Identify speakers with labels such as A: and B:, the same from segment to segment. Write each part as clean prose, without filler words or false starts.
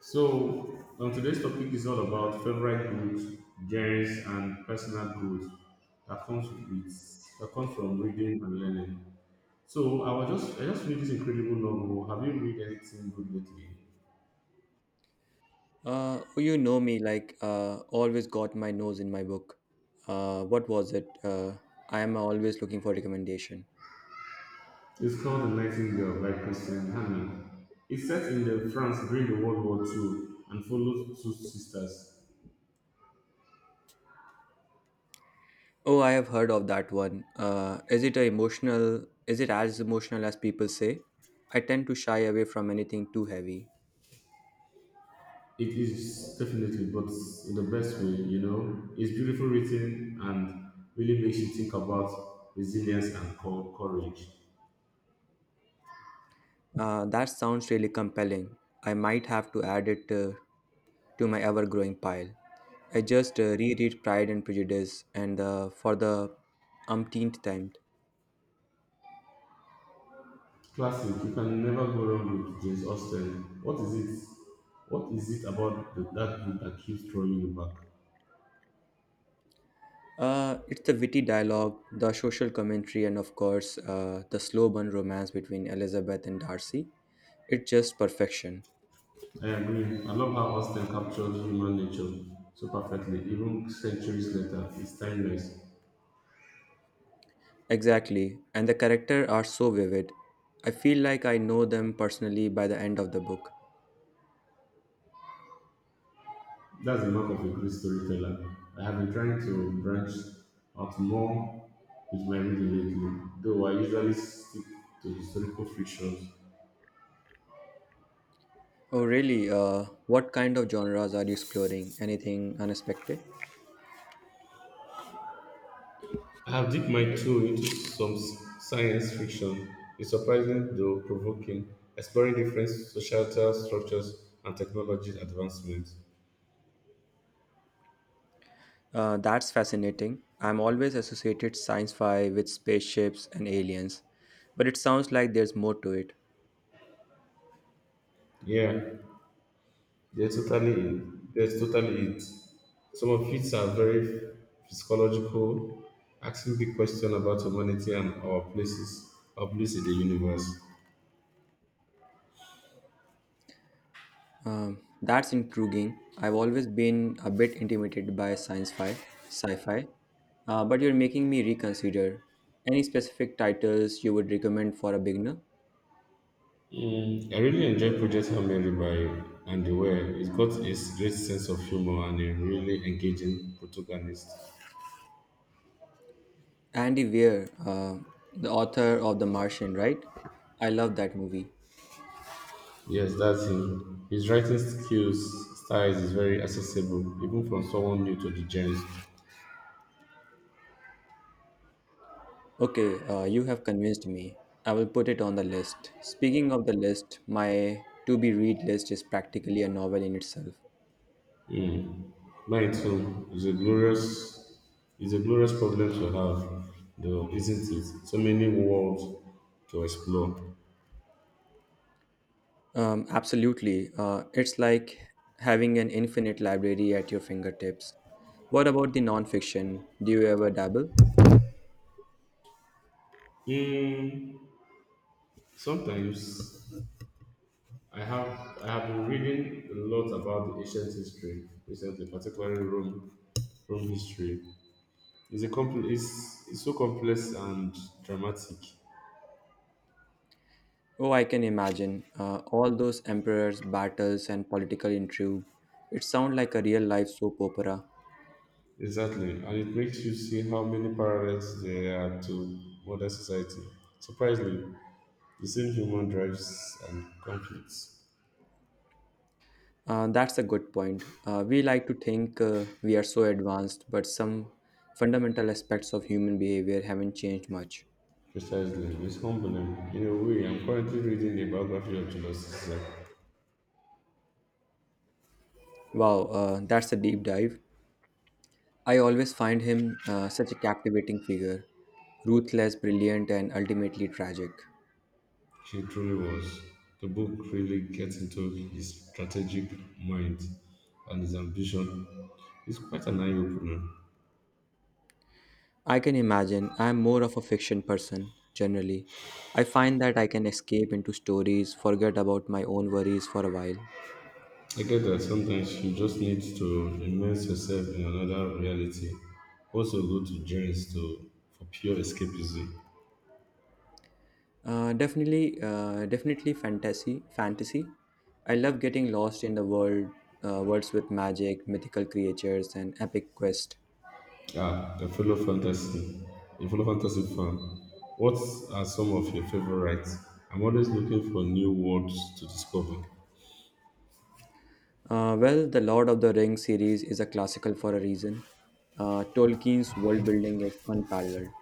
A: Today's topic is all about favorite books, genres, and personal growth that comes with that comes from reading and learning. So, I just read this incredible novel. Have you read anything good lately?
B: Oh, you know me, like always got my nose in my book. What was it? I am always looking for recommendation.
A: It's called The Nightingale by Christian Hanna. It's set in the France during the World War Two and follows two sisters.
B: Oh, I have heard of that one. Is it a emotional? Is it as emotional as people say? I tend to shy away from anything too heavy.
A: It is definitely, but in the best way, you know. It's beautiful written and really makes you think about resilience and courage.
B: That sounds really compelling. I might have to add it to my ever-growing pile. I just reread Pride and Prejudice and for the umpteenth time.
A: Classic. You can never go wrong with James Austen. What is it? What is it about that book that keeps drawing you back?
B: It's the witty dialogue, the social commentary, and of course, the slow burn romance between Elizabeth and Darcy. It's just perfection.
A: I agree. I love how Austen captured human nature so perfectly, even centuries later. It's timeless.
B: Exactly. And the characters are so vivid. I feel like I know them personally by the end of the book.
A: That's the mark of a great storyteller. I have been trying to branch out more with my reading lately, though I usually stick to historical fictions.
B: Oh, really? What kind of genres are you exploring? Anything unexpected?
A: I have dipped my toe into some science fiction. It's surprising though provoking, exploring different societal structures and technology advancements.
B: That's fascinating. I'm always associated science fi with spaceships and aliens, but it sounds like there's more to it.
A: Yeah, that's totally it. That's totally it. Some of it are very psychological, asking big questions about humanity and our place in the universe.
B: That's intriguing. I've always been a bit intimidated by science fi, sci-fi, but you're making me reconsider. Any specific titles you would recommend for a beginner?
A: Mm, I really enjoyed Project Hail by and the way it got a great sense of humor and a really engaging protagonist.
B: Andy Weir, the author of The Martian, right? I love that movie.
A: Yes, that's him. His writing skills styles is very accessible, even from someone new to the genre.
B: Okay, you have convinced me. I will put it on the list. Speaking of the list, my to be read list is practically a novel in itself.
A: Mm. Mine too is a glorious problem to have, though, isn't it? So many worlds to explore.
B: Absolutely. It's like having an infinite library at your fingertips. What about the non-fiction? Do you ever dabble?
A: Mm, sometimes I have been reading a lot about the ancient history recently, particularly Rome history. It's a it's so complex and dramatic.
B: Oh, I can imagine all those emperors, battles, and political intrigue. It sounds like a real-life soap opera.
A: Exactly, and it makes you see how many parallels there are to modern society. Surprisingly, the same human drives and conflicts.
B: That's a good point. We like to think we are so advanced, but some fundamental aspects of human behavior haven't changed much.
A: Precisely, it's humbling. In a way, I'm currently reading the biography of Julius Caesar.
B: Wow, that's a deep dive. I always find him such a captivating figure, ruthless, brilliant, and ultimately tragic.
A: She truly was. The book really gets into his strategic mind and his ambition. It's quite an eye opener.
B: I can imagine. I'm more of a fiction person generally. I find that I can escape into stories, forget about my own worries for a while.
A: I get that sometimes you just need to immerse yourself in another reality. Also go to journeys to for pure escapism.
B: Definitely fantasy. Fantasy. I love getting lost in the world, worlds with magic, mythical creatures, and epic quest.
A: Ah, a fellow fantasy fan. What are some of your favorites? I'm always looking for new worlds to discover.
B: Well, the Lord of the Rings series is a classical for a reason. Tolkien's world building is unparalleled.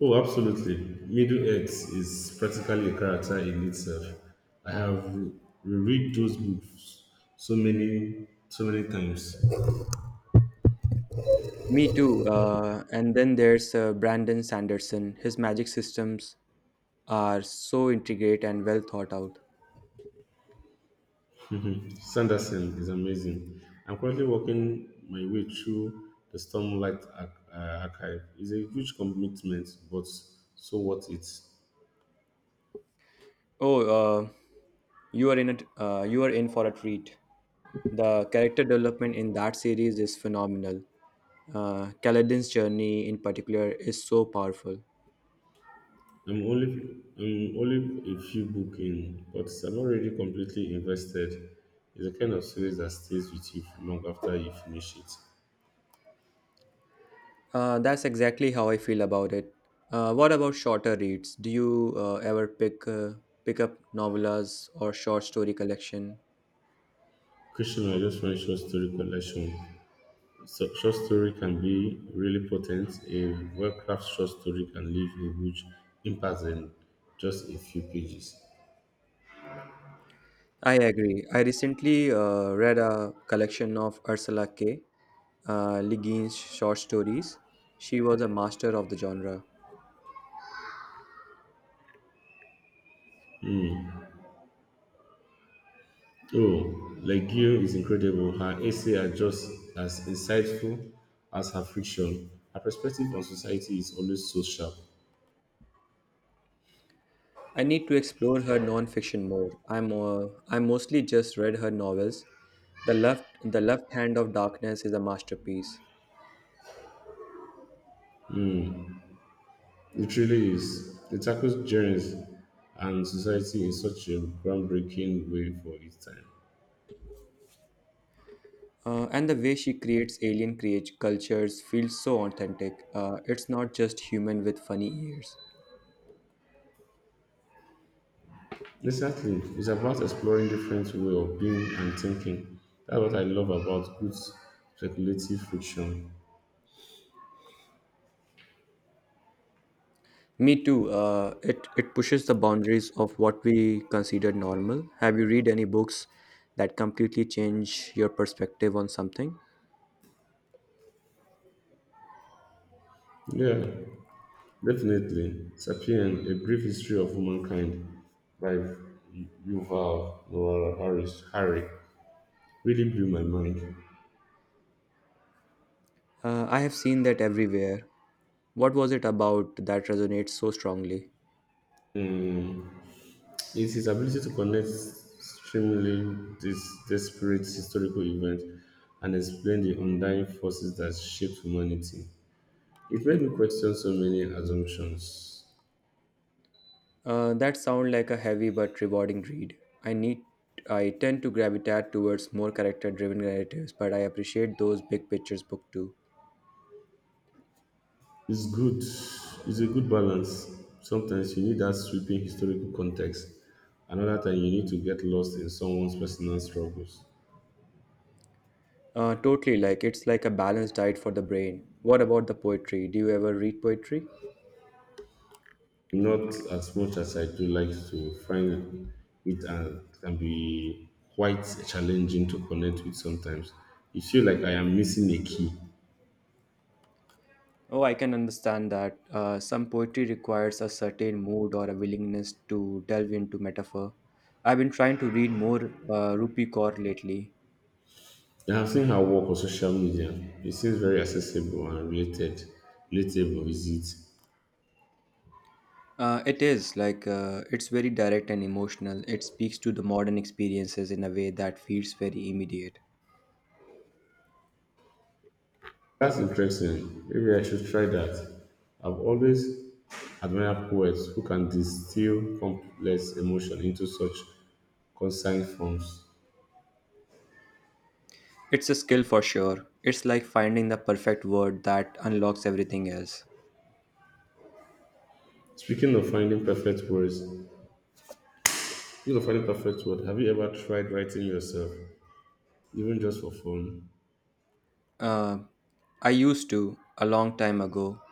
A: Oh, absolutely. Middle Earth is practically a character in itself. I have reread those books so many, times.
B: Me too. And then there's Brandon Sanderson. His magic systems are so intricate and well thought out.
A: Sanderson is amazing. I'm currently working my way through the Stormlight archive. It's a huge commitment, but so what it.
B: Oh, uh, you are in a you are in for a treat. The character development in that series is phenomenal. Kaladin's journey, in particular, is so powerful.
A: I'm only a few book in, but I'm already completely invested. It's the kind of series that stays with you for long after you finish it.
B: That's exactly how I feel about it. What about shorter reads? Do you ever pick up novellas or short story collection?
A: Christian, I just find short story collection. So, short story can be really potent. A well crafted short story can leave a huge impact in just a few pages.
B: I agree. I recently read a collection of Ursula K. Ligine's short stories. She was a master of the genre.
A: Oh, Legio is incredible. Her essay are just as insightful as her fiction. Her perspective on society is always so sharp.
B: I need to explore her non-fiction more. I mostly just read her novels. The Left Hand of Darkness is a masterpiece.
A: It really is. It tackles journeys and society in such a groundbreaking way for its time.
B: And the way she creates alien create cultures feels so authentic. It's not just human with funny ears.
A: Exactly. It's about exploring different way of being and thinking. That's what I love about good speculative fiction.
B: Me too. It pushes the boundaries of what we consider normal. Have you read any books that completely change your perspective on something?
A: Yeah, definitely. Sapien, A Brief History of Humankind by Yuval Noah Harry, really blew my mind.
B: I have seen that everywhere. What was it about that resonates so strongly?
A: Mm, it's his ability to connect extremely this desperate historical events and explain the undying forces that shaped humanity. It made me question so many assumptions.
B: That sound like a heavy but rewarding read. I need. I tend to gravitate towards more character-driven narratives, but I appreciate those big pictures book too.
A: It's good. It's a good balance. Sometimes you need that sweeping historical context. Another time you need to get lost in someone's personal struggles.
B: Totally, like it's like a balanced diet for the brain. What about the poetry? Do you ever read poetry?
A: Not as much as I do like to find it and can be quite challenging to connect with sometimes. You feel like I am missing a key.
B: Oh, I can understand that. Some poetry requires a certain mood or a willingness to delve into metaphor. I've been trying to read more Rupi Kaur lately.
A: I have seen her work on social media. It seems very accessible and related. Relatable, is it?
B: It is like It's very direct and emotional. It speaks to the modern experiences in a way that feels very immediate.
A: That's interesting. Maybe I should try that. I've always admired poets who can distill complex emotion into such concise forms.
B: It's a skill for sure. It's like finding the perfect word that unlocks everything else.
A: Speaking of finding perfect words, Speaking of finding perfect word, have you ever tried writing yourself, even just for fun?
B: Uh, I used to a long time ago.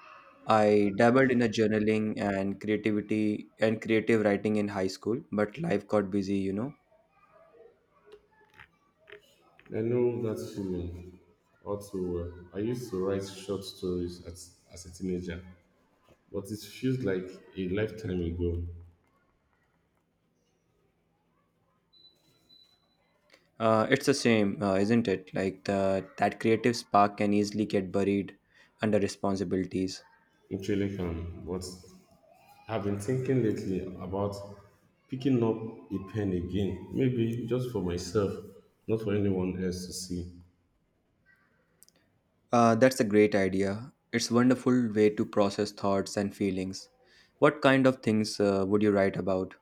B: I dabbled in a journaling and creativity and creative writing in high school, but life got busy.
A: I know that feeling all too well. I used to write short stories as a teenager, but it feels like a lifetime ago.
B: It's the same, isn't it? Like the that creative spark can easily get buried under responsibilities.
A: It really can, but I've been thinking lately about picking up a pen again, maybe just for myself, not for anyone else to see.
B: That's a great idea. It's wonderful way to process thoughts and feelings. What kind of things would you write about?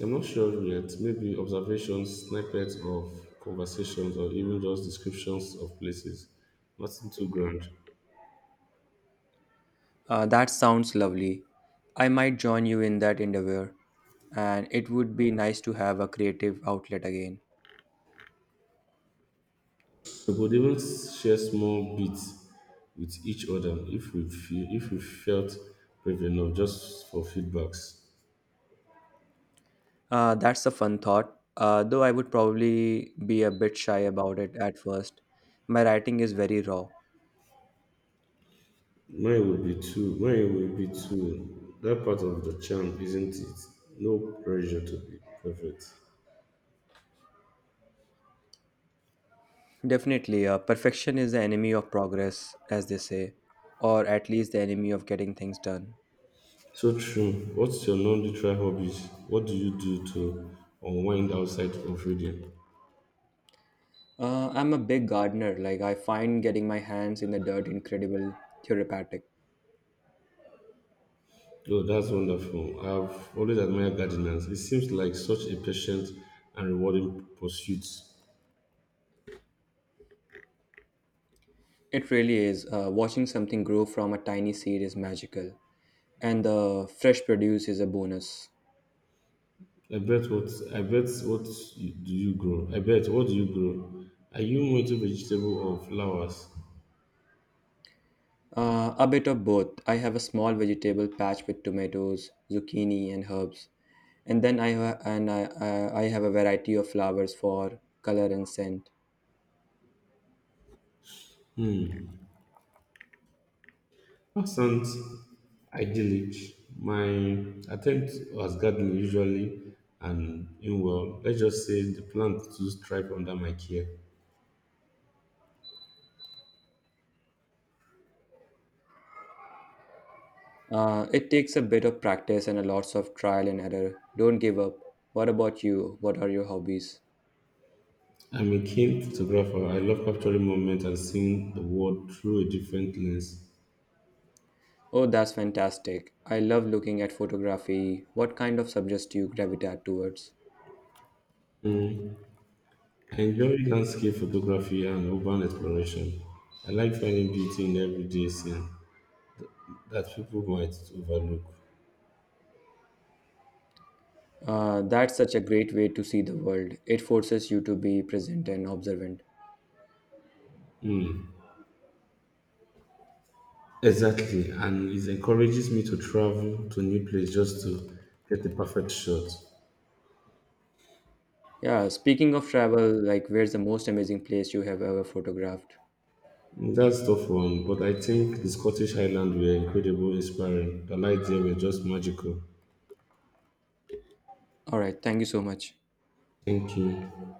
A: I'm not sure yet, maybe observations, snippets of conversations, or even just descriptions of places. Nothing too grand.
B: That sounds lovely. I might join you in that endeavor, and it would be nice to have a creative outlet again.
A: We could even share small bits with each other if we felt brave enough, just for feedbacks.
B: That's a fun thought, though I would probably be a bit shy about it at first. My writing is very raw.
A: Mine will be two. Mine will be two. That part of the charm, isn't it? No pressure to be perfect.
B: Definitely, perfection is the enemy of progress, as they say, or at least the enemy of getting things done.
A: So true. What's your non-literal hobbies? What do you do to unwind outside of reading?
B: I'm a big gardener. Like, I find getting my hands in the dirt incredible therapeutic.
A: Oh, that's wonderful. I've always admired gardeners. It seems like such a patient and rewarding pursuit.
B: It really is. Watching something grow from a tiny seed is magical, and the fresh produce is a bonus.
A: I bet what you- do you grow? I bet what do you grow? Are you into vegetable or flowers?
B: A bit of both. I have a small vegetable patch with tomatoes, zucchini, and herbs, and then I ha- and I have a variety of flowers for color and scent.
A: Hmm. Sounds idyllic. My attempt was gardening usually and in well, let's just say the plant to thrive under my care.
B: It takes a bit of practice and a lots of trial and error. Don't give up. What about you? What are your hobbies?
A: I'm a keen photographer. I love capturing moments and seeing the world through a different lens.
B: Oh, that's fantastic. I love looking at photography. What kind of subjects do you gravitate towards?
A: Mm, I enjoy landscape photography and urban exploration. I like finding beauty in everyday scene that people might overlook.
B: That's such a great way to see the world. It forces you to be present and observant.
A: Exactly, and it encourages me to travel to new place just to get the perfect shot.
B: Yeah, speaking of travel, like where's the most amazing place you have ever photographed?
A: That's tough one, but I think the Scottish Highlands were incredible, inspiring. The lights there were just magical.
B: All right, thank you so much.
A: Thank you.